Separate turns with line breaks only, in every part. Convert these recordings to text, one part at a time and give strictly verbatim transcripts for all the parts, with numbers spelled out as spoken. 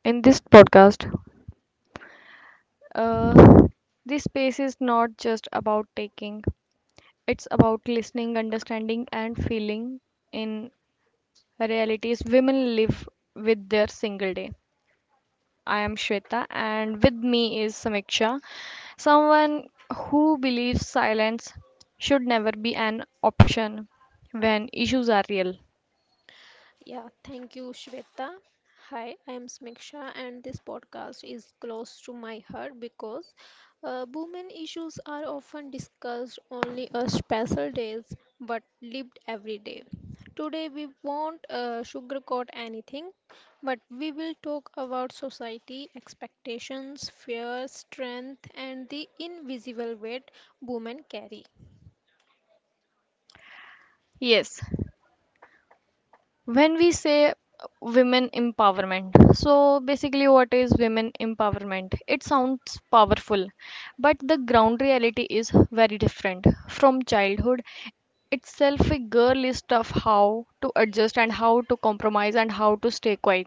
in this podcast, uh, this space is not just about taking, it's about listening, understanding, and feeling in realities women live with their single day. I am Shweta, and with me is Samiksha, someone who believes silence should never be an option when issues are real.
Yeah, thank you, Shweta. Hi, I am Smiksha, and this podcast is close to my heart because uh, women issues are often discussed only on special days but lived every day. Today, we won't uh, sugarcoat anything, but we will talk about society, expectations, fear, strength, and the invisible weight women carry.
Yes, when we say women empowerment, so basically what is women empowerment? It sounds powerful, but the ground reality is very different. From childhood itself a girl is taught how to adjust and how to compromise and how to stay quiet.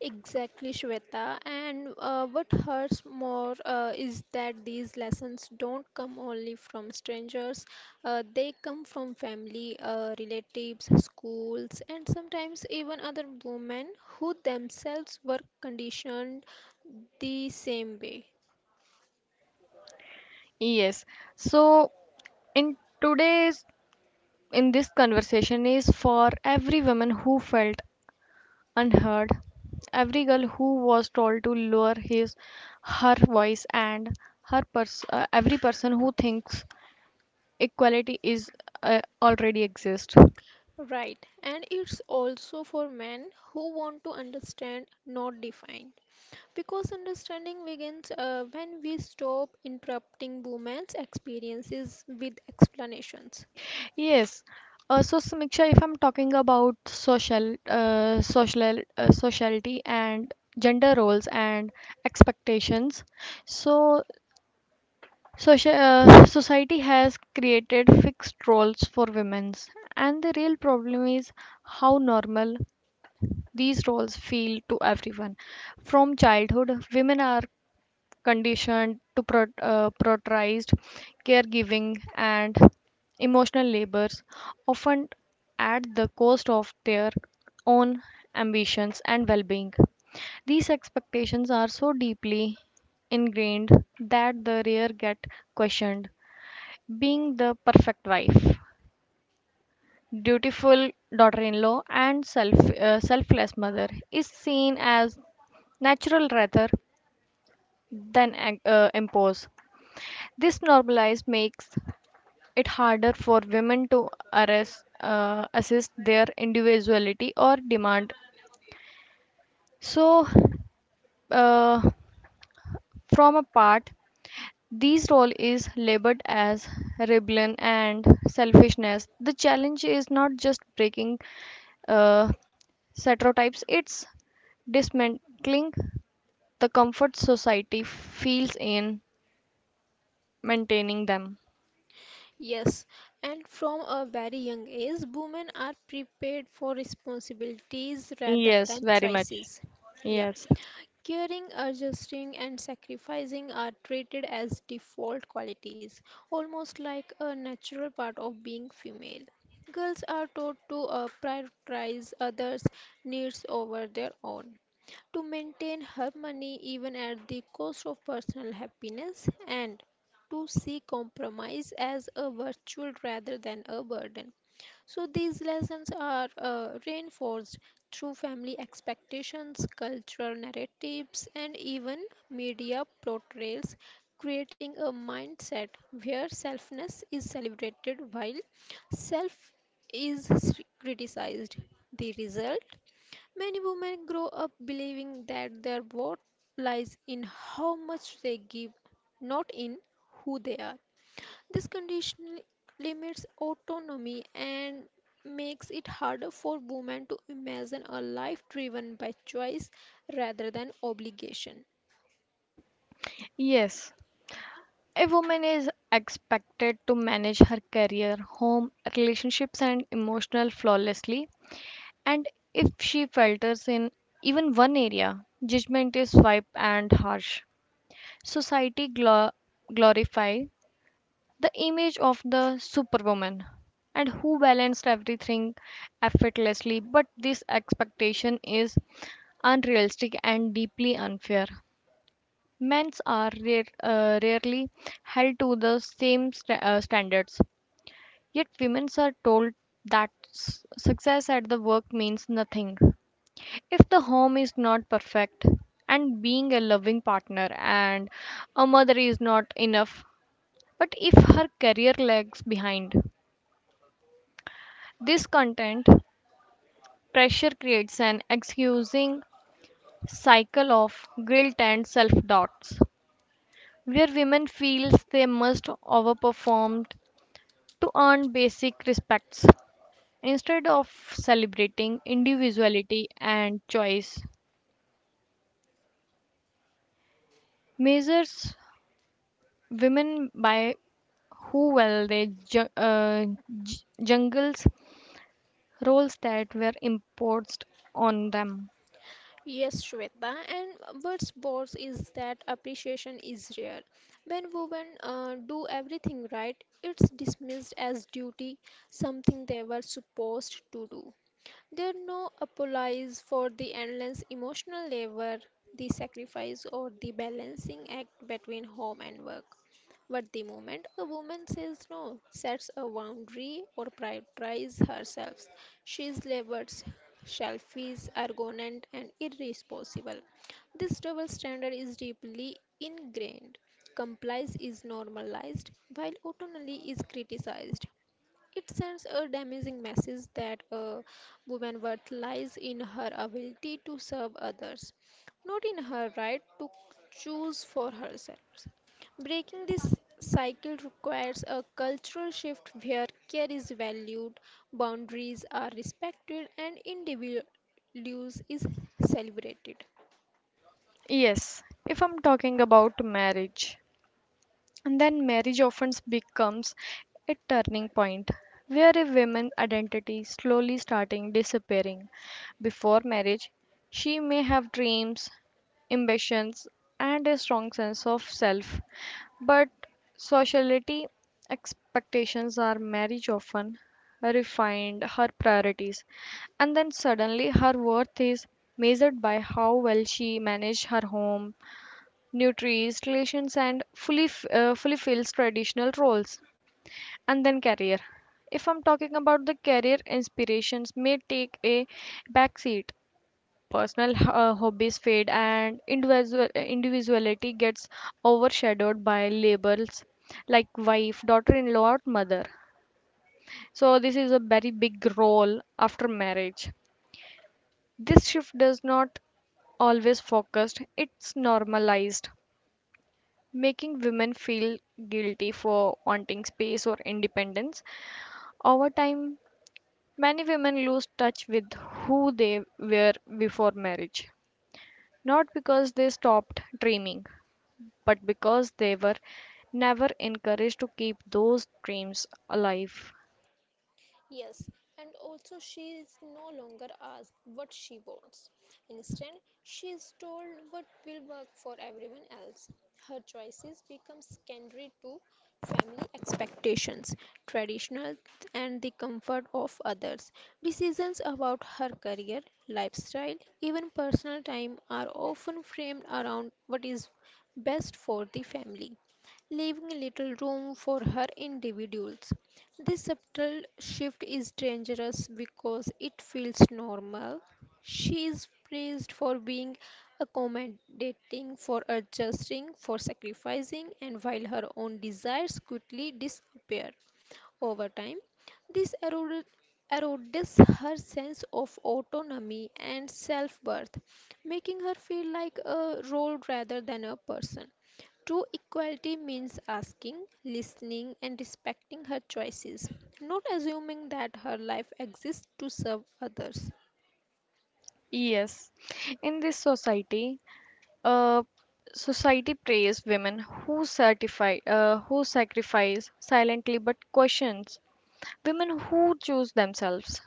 Exactly, Shweta. And uh, what hurts more uh, is that these lessons don't come only from strangers, uh, they come from family, uh, relatives, schools, and sometimes even other women who themselves were conditioned the same way.
Yes. So in today's, in this conversation is for every woman who felt unheard. Every girl who was told to lower his, her voice and her pers- uh, every person who thinks equality is uh, already exists.
Right, and it's also for men who want to understand, not define. Because understanding begins uh, when we stop interrupting women's experiences with explanations.
Yes. Uh, so Samiksha, if I'm talking about social, uh, social, uh, sociality and gender roles and expectations, so social uh, society has created fixed roles for women, and the real problem is how normal these roles feel to everyone. From childhood, women are conditioned to pro- uh, prioritized caregiving and emotional labors, often at the cost of their own ambitions and well being. These expectations are so deeply ingrained that the rare get questioned. Being the perfect wife, dutiful daughter in law, and self, uh, selfless mother is seen as natural rather than ag- uh, impose. This normalize makes it harder for women to arrest, uh, assist their individuality or demand. So, uh, from a part, these role is labeled as rebellion and selfishness. The challenge is not just breaking uh, stereotypes; it's dismantling the comfort society feels in maintaining them.
Yes, and from a very young age, women are prepared for responsibilities rather
Yes,
than
very much.
choices. Yeah.
Yes.
Caring, adjusting, and sacrificing are treated as default qualities, almost like a natural part of being female. Girls are taught to uh, prioritize others' needs over their own, to maintain harmony even at the cost of personal happiness, and to see compromise as a virtue rather than a burden. So, these lessons are uh, reinforced through family expectations, cultural narratives, and even media portrayals, creating a mindset where selfness is celebrated while self is criticized. The result: many women grow up believing that their worth lies in how much they give, not in who they are. This condition limits autonomy and makes it harder for women to imagine a life driven by choice rather than obligation.
Yes, a woman is expected to manage her career, home, relationships, and emotional flawlessly. And if she falters in even one area, judgment is swift and harsh. Society glo- glorify the image of the superwoman and who balanced everything effortlessly, but this expectation is unrealistic and deeply unfair. Men's are rare, uh, rarely held to the same sta uh, standards, yet women are told that s- success at the work means nothing. If the home is not perfect, and being a loving partner and a mother is not enough, but if her career lags behind, this content pressure creates an excusing cycle of guilt and self doubts, where women feels they must overperform to earn basic respects. Instead of celebrating individuality and choice, measures women by who well they ju- uh, j- jungles roles that were imposed on them.
Yes, Shweta, and what's boss is that appreciation is rare. When women uh, do everything right, it's dismissed as duty, something they were supposed to do. There no apologies for the endless emotional labor, the sacrifice, or the balancing act between home and work. But the moment a woman says no, sets a boundary, or prioritizes herself, she is labeled selfish, arrogant, and irresponsible. This double standard is deeply ingrained. Compliance is normalized, while autonomy is criticized. It sends a damaging message that a woman's worth lies in her ability to serve others, not in her right to choose for herself. Breaking this cycle requires a cultural shift where care is valued, boundaries are respected, and individuals is celebrated.
Yes, if I'm talking about marriage, and then marriage often becomes a turning point where a woman's identity slowly starting disappearing. Before marriage, she may have dreams, ambitions, and a strong sense of self, but sociality expectations are marriage often refined her priorities, and then suddenly her worth is measured by how well she managed her home, nurtures relations and fully f- uh, fulfills traditional roles, and then career. If I'm talking about the career, inspirations may take a backseat, personal uh, hobbies fade and individual individuality gets overshadowed by labels like wife, daughter-in-law or mother. So this is a very big role after marriage. This shift does not always focused, it's normalized, making women feel guilty for wanting space or independence. Over time, many women lose touch with who they were before marriage, not because they stopped dreaming, but because they were never encouraged to keep those dreams alive.
Yes, and also she is no longer asked what she wants. Instead, she is told what will work for everyone else. Her choices become secondary to family expectations, traditional and the comfort of others. Decisions about her career, lifestyle, even personal time are often framed around what is best for the family, leaving little room for her individuals. This subtle shift is dangerous because it feels normal. She is praised for being accommodating, for adjusting, for sacrificing, and while her own desires quickly disappear over time, this erode- erodes her sense of autonomy and self worth, making her feel like a role rather than a person. True equality means asking, listening, and respecting her choices, not assuming that her life exists to serve others.
Yes, in this society, uh, society praise women who certify uh, who sacrifice silently but questions women who choose themselves.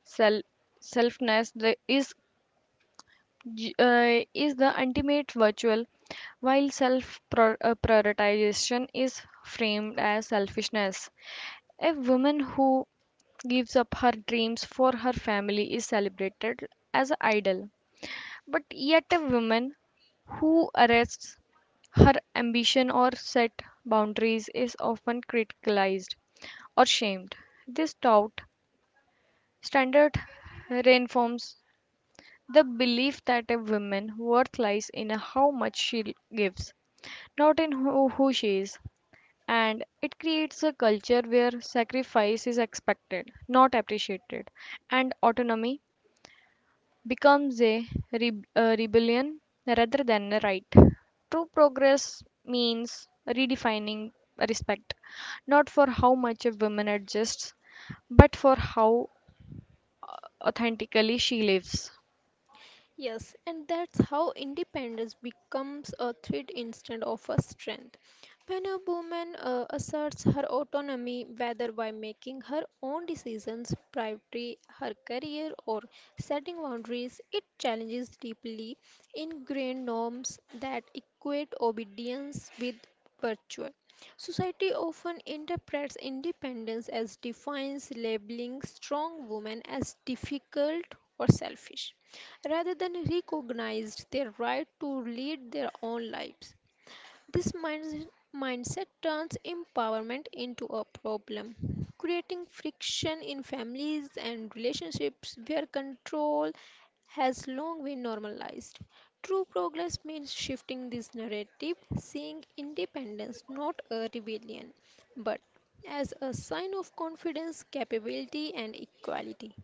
Self Selfness the, is j- uh, is the ultimate virtual, while self pro- uh, prioritization is framed as selfishness. A woman who gives up her dreams for her family is celebrated as an idol, but yet a woman who arrests her ambition or set boundaries is often criticized or shamed. This doubt standard reinforms the belief that a woman's worth lies in how much she gives, not in who, who she is. And it creates a culture where sacrifice is expected, not appreciated, and autonomy becomes a, re- a rebellion rather than a right. True progress means redefining respect, not for how much a woman adjusts, but for how authentically she lives.
Yes, and that's how independence becomes a threat instead of a strength. When a woman uh, asserts her autonomy, whether by making her own decisions, priority her career, or setting boundaries, it challenges deeply ingrained norms that equate obedience with virtue. Society often interprets independence as defiance, labeling strong women as difficult or selfish, rather than recognized their right to lead their own lives. This minds- mindset turns empowerment into a problem, creating friction in families and relationships where control has long been normalized. True progress means shifting this narrative, seeing independence not a rebellion, but as a sign of confidence, capability, and equality.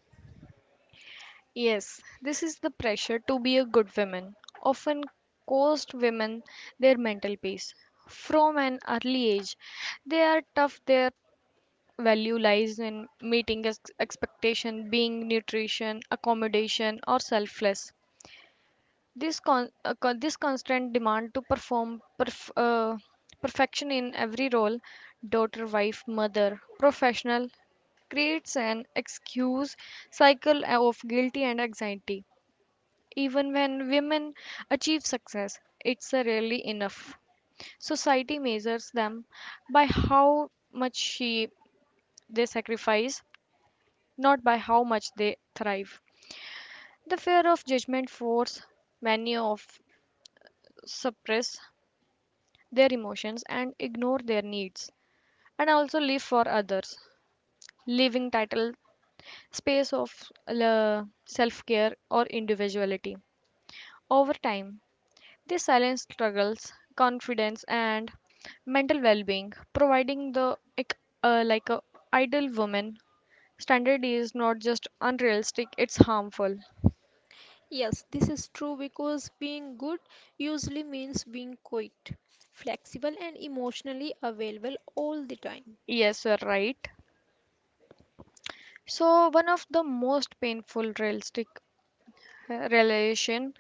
Yes, this is the pressure to be a good woman, often cost women their mental peace. From an early age, they are tough, their value lies in meeting ex- expectation, being nutrition, accommodation, or selfless. This, con- uh, con- this constant demand to perform perf- uh, perfection in every role, daughter, wife, mother, professional, creates an excuse cycle of guilty and anxiety. Even when women achieve success, it's uh, rarely enough. So, society measures them by how much she, they sacrifice, not by how much they thrive. The fear of judgment force many of suppress their emotions and ignore their needs, and also live for others, leaving title space of uh, self-care or individuality. Over time, they silence struggles, confidence, and mental well-being, providing the ec- uh, like a ideal woman standard is not just unrealistic; it's harmful.
Yes, this is true because being good usually means being quiet, flexible, and emotionally available all the time.
Yes, you're right. So one of the most painful realistic uh, realization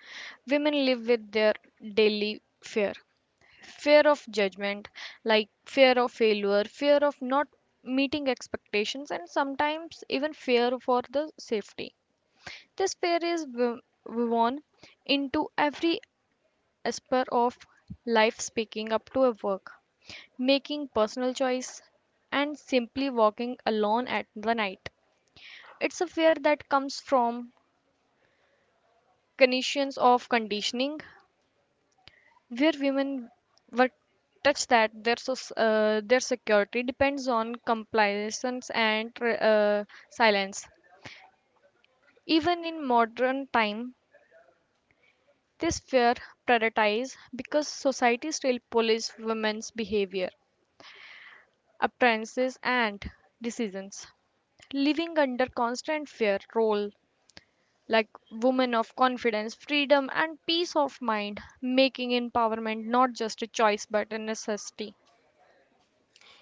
women live with their daily fear, fear of judgment, like fear of failure, fear of not meeting expectations, and sometimes even fear for the safety. This fear is wo- woven into every aspect of life, speaking up to a work, making personal choice, and simply walking alone at the night. It's a fear that comes from conditions of conditioning, where women were touched that their soc- uh, their security depends on compliance and uh, silence. Even in modern time, this fear prioritize because society still police women's behavior, appearances, and decisions. Living under constant fear role like women of confidence, freedom, and peace of mind, making empowerment not just a choice but a necessity.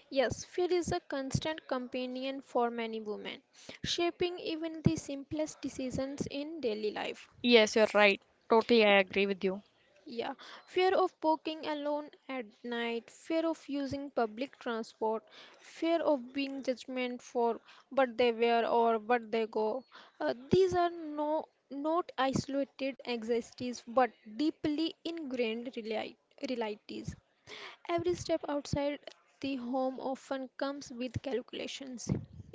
Yes, fear is a constant companion for many women, shaping even the simplest decisions in daily life.
Yes, you're right. Totally, I agree with you.
Yeah, fear of walking alone at night, fear of using public transport, fear of being judgment for what they wear or what they go. Uh, these are no not isolated anxieties but deeply ingrained reali- realities. Every step outside the home often comes with calculations.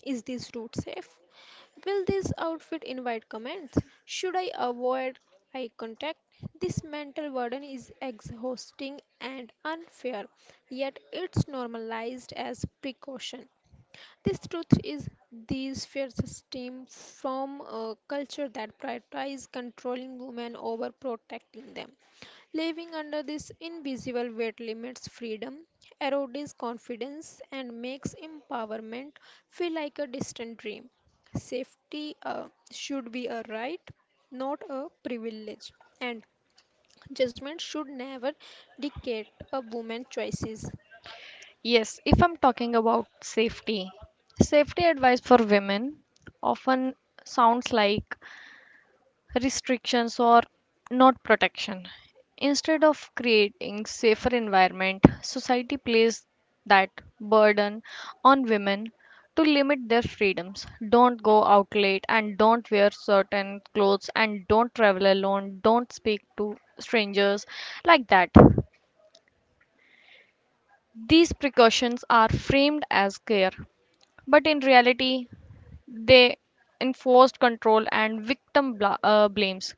Is this route safe? Will this outfit invite comments? Should I avoid eye contact. This mental burden is exhausting and unfair, yet it's normalized as precaution. This truth is these fears stem from a culture that prioritizes controlling women over protecting them. Living under this invisible weight limits freedom, erodes confidence, and makes empowerment feel like a distant dream. Safety uh, should be a right, not a privilege, and judgment should never dictate a woman's choices.
Yes, if I'm talking about safety, safety advice for women often sounds like restrictions or not protection. Instead of creating safer environment, society places that burden on women to limit their freedoms. Don't go out late and don't wear certain clothes and don't travel alone, don't speak to strangers, like that. These precautions are framed as care, but in reality, they enforced control and victim bla- uh, blames.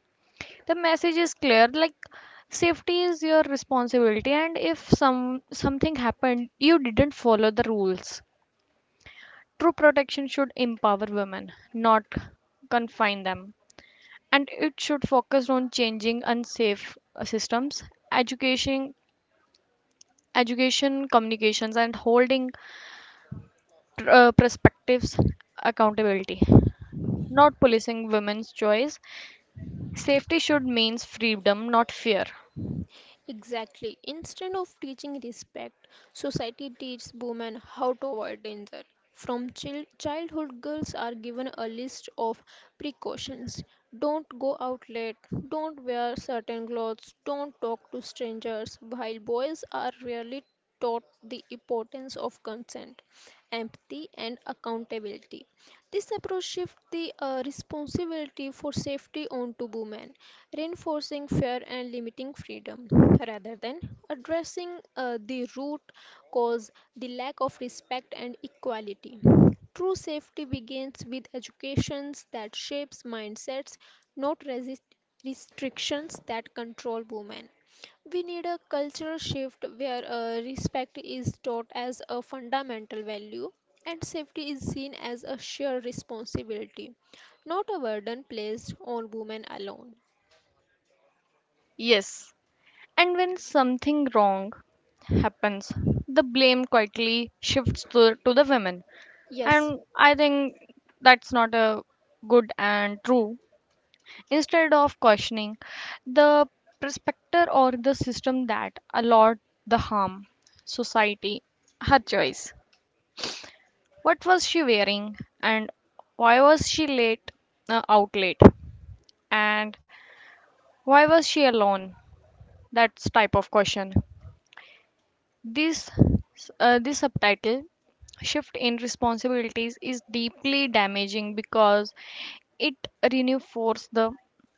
The message is clear, like safety is your responsibility, and if some something happened you didn't follow the rules. True protection should empower women, not confine them, and it should focus on changing unsafe uh, systems, education, education communications, and holding uh, perspectives accountability, not policing women's choice. Safety should means freedom, not fear.
Exactly. Instead of teaching respect, society teaches women how to avoid danger. From chil- childhood, girls are given a list of precautions. Don't go out late, don't wear certain clothes, don't talk to strangers, while boys are rarely taught the importance of consent, empathy, and accountability. This approach shifts the uh, responsibility for safety onto women, reinforcing fear and limiting freedom, rather than addressing uh, the root cause, the lack of respect and equality. True safety begins with educations that shapes mindsets, not resist restrictions that control women. We need a cultural shift where uh, respect is taught as a fundamental value and safety is seen as a shared responsibility, not a burden placed on women alone.
Yes, and when something wrong happens, the blame quietly shifts to, to the women.
Yes,
And I think that's not a good and true. Instead of questioning the perspective or the system that allowed the harm, society, her choice. What was she wearing and why was she late uh, out late? And why was she alone? That's type of question. This, uh, this subtitle, shift in responsibilities, is deeply damaging because it reinforces the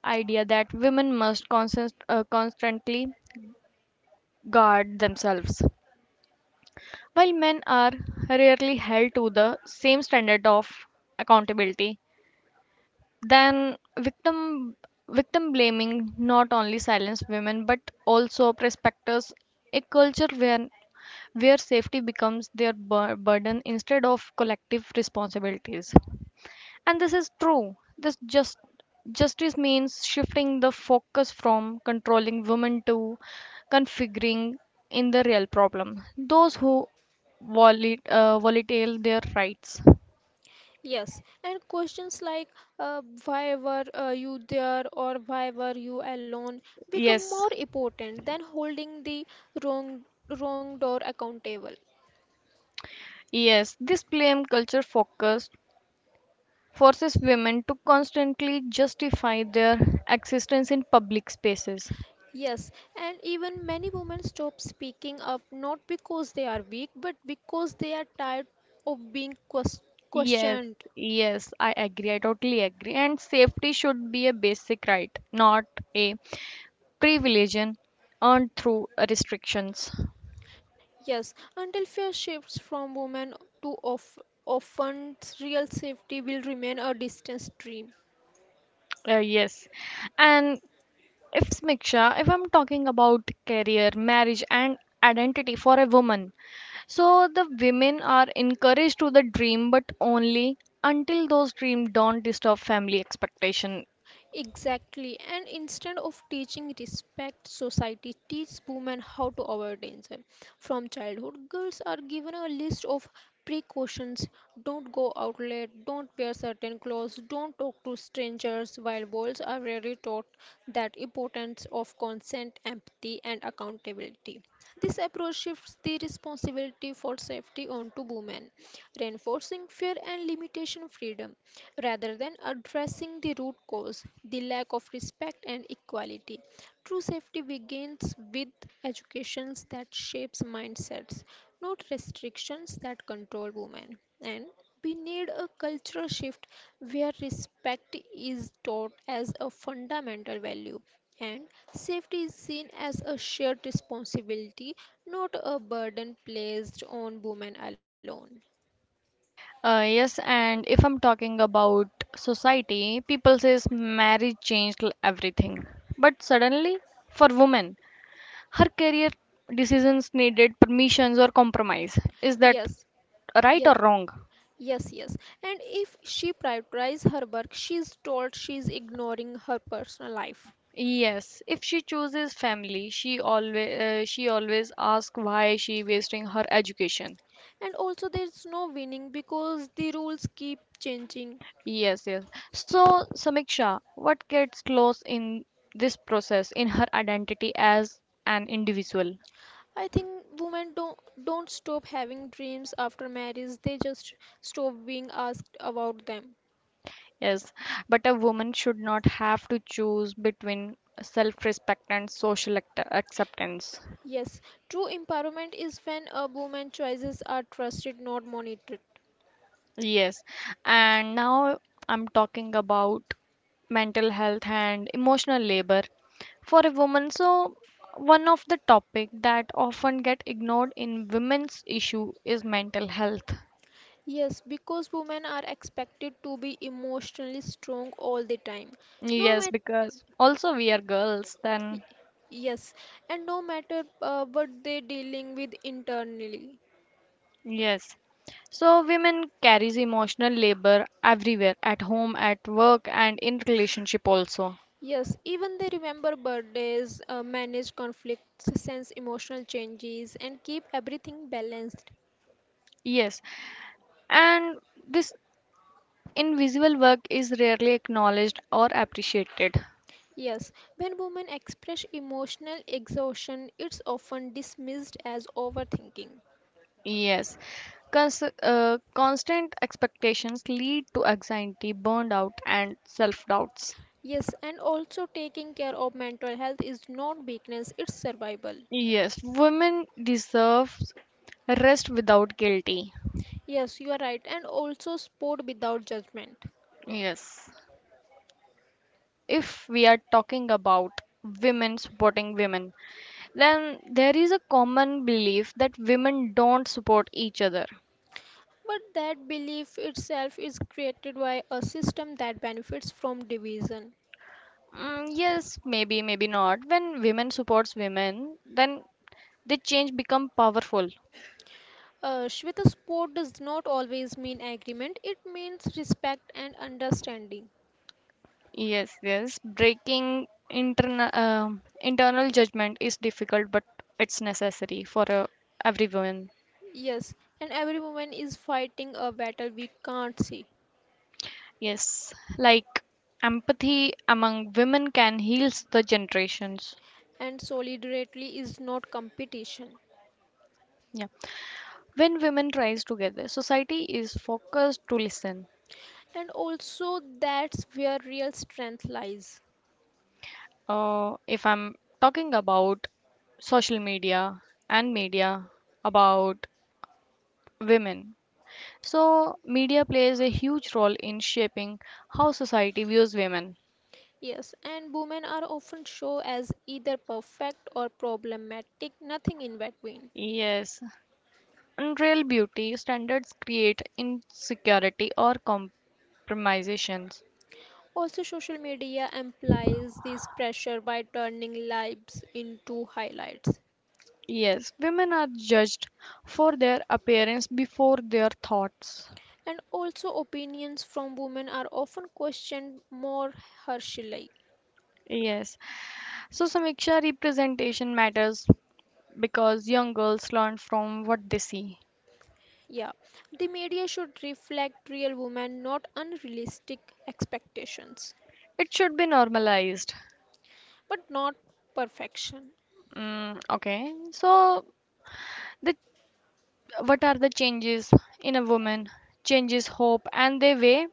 idea that women must constant, uh, constantly guard themselves, while men are rarely held to the same standard of accountability. Then, victim victim blaming not only silences women but also prospectors a culture where where safety becomes their bur- burden instead of collective responsibilities. And this is true, this just justice means shifting the focus from controlling women to configuring in the real problem, those who volat- uh, volatile their rights.
yes. And questions like uh, why were uh, you there or why were you alone become
Yes,
more important than holding the wrong wrong door accountable.
yes. This blame culture focus forces women to constantly justify their existence in public spaces.
Yes, and even many women stop speaking up not because they are weak, but because they are tired of being ques-
Yes,
questioned.
yes, I agree. I totally agree. And safety should be a basic right, not a privilege earned through restrictions.
Yes, until fear shifts from women to of often real safety will remain a distant dream.
Uh, yes. And if Smiksha, if I'm talking about career, marriage, and identity for a woman, so the women are encouraged to the dream, but only until those dreams don't disturb family expectation.
Exactly. And instead of teaching respect, society teaches women how to avoid danger. From childhood, girls are given a list of precautions. Don't go out late, don't wear certain clothes, don't talk to strangers, while boys are rarely taught that importance of consent, empathy, and accountability. This approach shifts the responsibility for safety onto women, reinforcing fear and limitation freedom, rather than addressing the root cause, the lack of respect and equality. True safety begins with educations that shapes mindsets, not restrictions that control women. And we need a cultural shift where respect is taught as a fundamental value and safety is seen as a shared responsibility, not a burden placed on women alone.
Uh, yes, and if I'm talking about society, people says marriage changed l- everything. But suddenly, for women, her career decisions needed permissions or compromise. Is that
Yes,
right
yes,
or wrong?
yes, yes. And if she prioritizes her work, she is told she is ignoring her personal life.
Yes, if she chooses family, she always uh, she always asks why she wasting her education.
And also, there's no winning because the rules keep changing.
Yes, yes. So, Samiksha, what gets lost in this process in her identity as an individual?
I think women don't don't stop having dreams after marriage. They just stop being asked about them.
Yes, but a woman should not have to choose between self-respect and social act acceptance.
Yes, true empowerment is when a woman's choices are trusted, not monitored.
Yes, and now I'm talking about mental health and emotional labor for a woman. So one of the topic that often get ignored in women's issue is mental health.
Yes, because women are expected to be emotionally strong all the time. No
Yes,
matter,
because also we are girls, then
yes, and no matter uh, what they're dealing with internally.
yes. So women carries emotional labor everywhere, at home, at work, and in relationship also.
Yes, even they remember birthdays, uh, manage conflicts, sense emotional changes, and keep everything balanced.
Yes. And this invisible work is rarely acknowledged or appreciated.
Yes, when women express emotional exhaustion, it's often dismissed as overthinking.
Yes. Cons- uh, constant expectations lead to anxiety, burnout, and self doubts.
Yes, and also taking care of mental health is not weakness, it's survival.
Yes, women deserve rest without guilty.
Yes, you are right, and also sport without judgment.
Yes. If we are talking about women supporting women, then there is a common belief that women don't support each other.
But that belief itself is created by a system that benefits from division.
Mm, yes, maybe, maybe not. When women supports women, then they change become powerful.
Uh, Shweta sport does not always mean agreement, it means respect and understanding.
Yes, yes. Breaking interna- uh, internal judgment is difficult, but it's necessary for uh, every woman.
Yes, and every woman is fighting a battle we can't see,
Yes, like empathy among women can heal the generations.
and solidarity is not competition.
Yeah, when women rise together, society is focused to listen.
And also, that's where real strength lies.
Uh, if I'm talking about social media and media about women. So, media plays a huge role in shaping how society views women.
Yes, and women are often shown as either perfect or problematic, nothing in between.
Yes, unreal beauty standards create insecurity or compromisations.
Also, social media implies this pressure by turning lives into highlights.
Yes, women are judged for their appearance before their thoughts.
And also, opinions from women are often questioned more harshly.
Yes, so Samiksha representation matters because young girls learn from what they see.
Yeah, the media should reflect real women, not unrealistic expectations,
It should be normalized.
but not perfection.
Mm, okay, so the what are the changes in a woman? Changes hope and their way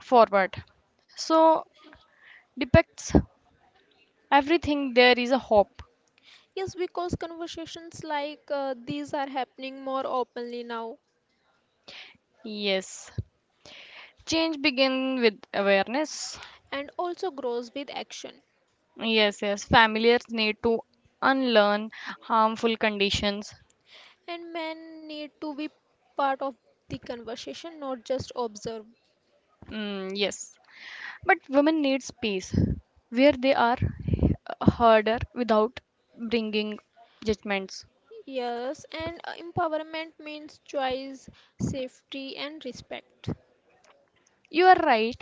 forward. So depicts everything there is a hope.
Yes, because conversations like uh, these are happening more openly now
Yes, change begin with awareness.
and also grows with action.
Yes, yes, familiars need to unlearn harmful conditions.
And men need to be part of the conversation, not just observe.
Mm, yes, but women need space where they are harder without bringing judgments.
Yes, and uh, empowerment means choice, safety, and respect.
You are right,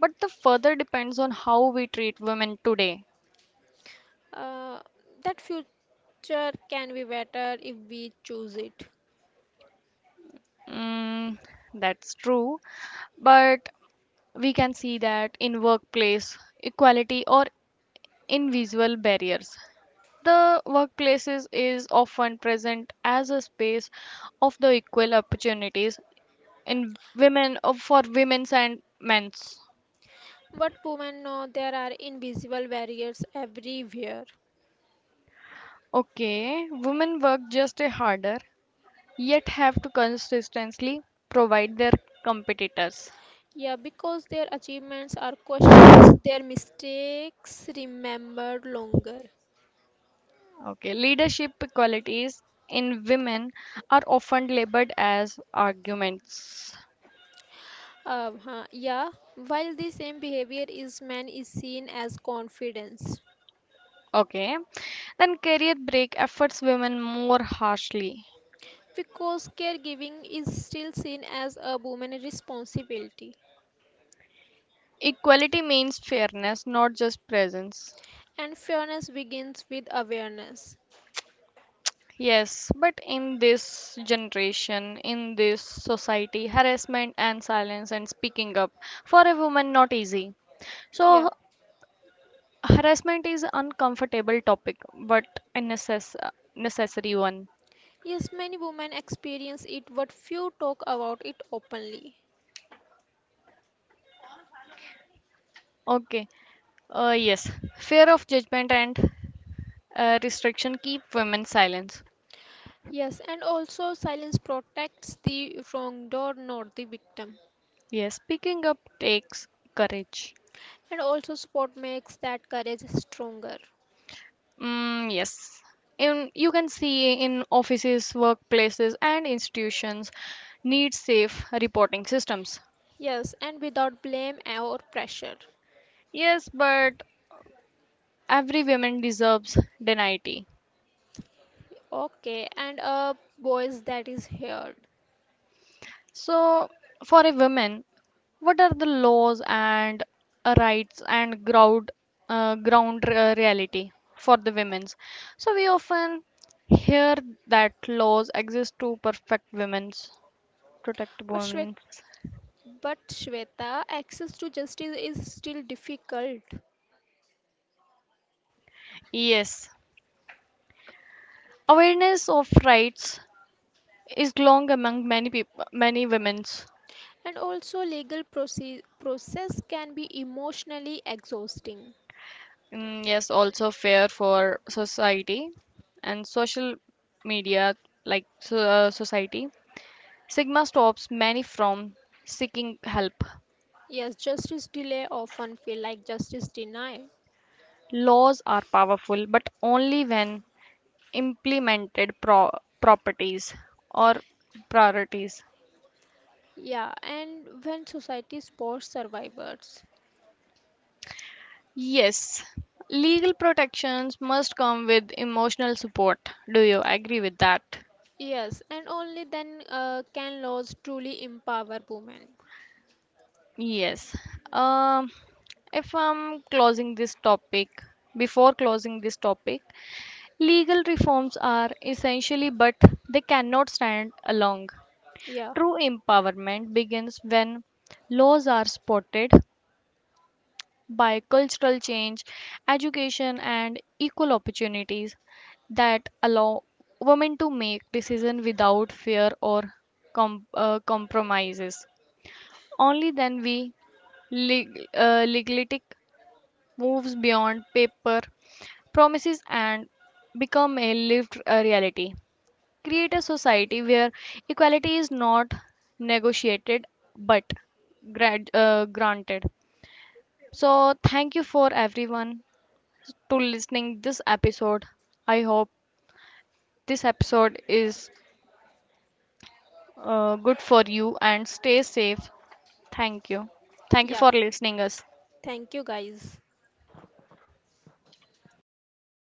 but the further depends on how we treat women today.
Uh, that future can be better if we choose it.
Mm, that's true, but we can see that in workplace equality or in visual barriers. The workplaces is often present as a space of the equal opportunities in women of for women's and men's.
But women know there are invisible barriers everywhere.
Okay, women work just a harder, yet have to consistently provide their competitors.
Yeah, because their achievements are questions, their mistakes remembered longer.
Okay, leadership qualities in women are often labeled as arguments.
Uh, huh, yeah, while the same behavior is man is seen as confidence,
Okay, then career break efforts women more harshly.
because caregiving is still seen as a woman responsibility,
Equality means fairness, not just presence.
and fairness begins with awareness.
Yes, but in this generation, in this society, harassment and silence and speaking up for a woman not easy.
Yeah,
So harassment is uncomfortable topic, but a necess- necessary one.
yes, many women experience it, but few talk about it openly.
Okay. Uh, yes, fear of judgment and uh, restriction keep women silent.
Yes, and also silence protects the wrongdoer, not the victim.
Yes, speaking up takes courage.
And also, sport makes that courage stronger.
Mm, yes. In, you can see in offices, workplaces, and institutions need safe reporting systems.
Yes, and without blame or pressure.
Yes, but every woman deserves dignity.
Okay, and uh, boys, that is heard.
So, for a woman, what are the laws and uh, rights and ground uh, ground uh, reality for the women's? So we often hear that laws exist to perfect women's
But
protect
Shweta,
women's.
but Shweta, access to justice is still difficult,
Yes, awareness of rights is long among many people, many women.
and also legal proce- process can be emotionally exhausting.
Mm, yes, also fair for society and social media, like so- uh, society. Sigma stops many from seeking help.
Yes, justice delay often feel like justice denied.
Laws are powerful, but only when implemented pro- properties or priorities.
Yeah, and when society supports survivors,
Yes, legal protections must come with emotional support. Do you agree with that?
yes, and only then uh, can laws truly empower women.
Yes. Um, if I'm closing this topic, before closing this topic, legal reforms are essentially, but they cannot stand alone.
Yeah,
True empowerment begins when laws are supported by cultural change, education, and equal opportunities that allow women to make decisions without fear or com- uh, compromises. Only then we leg- uh, legalistic moves beyond paper promises and become a lived uh, reality. Create a society where equality is not negotiated but grad- uh, granted. So thank you for everyone to listening this episode. I hope this episode is uh, good for you and stay safe. Thank you. Thank you
yeah.
for listening us.
Thank you, guys.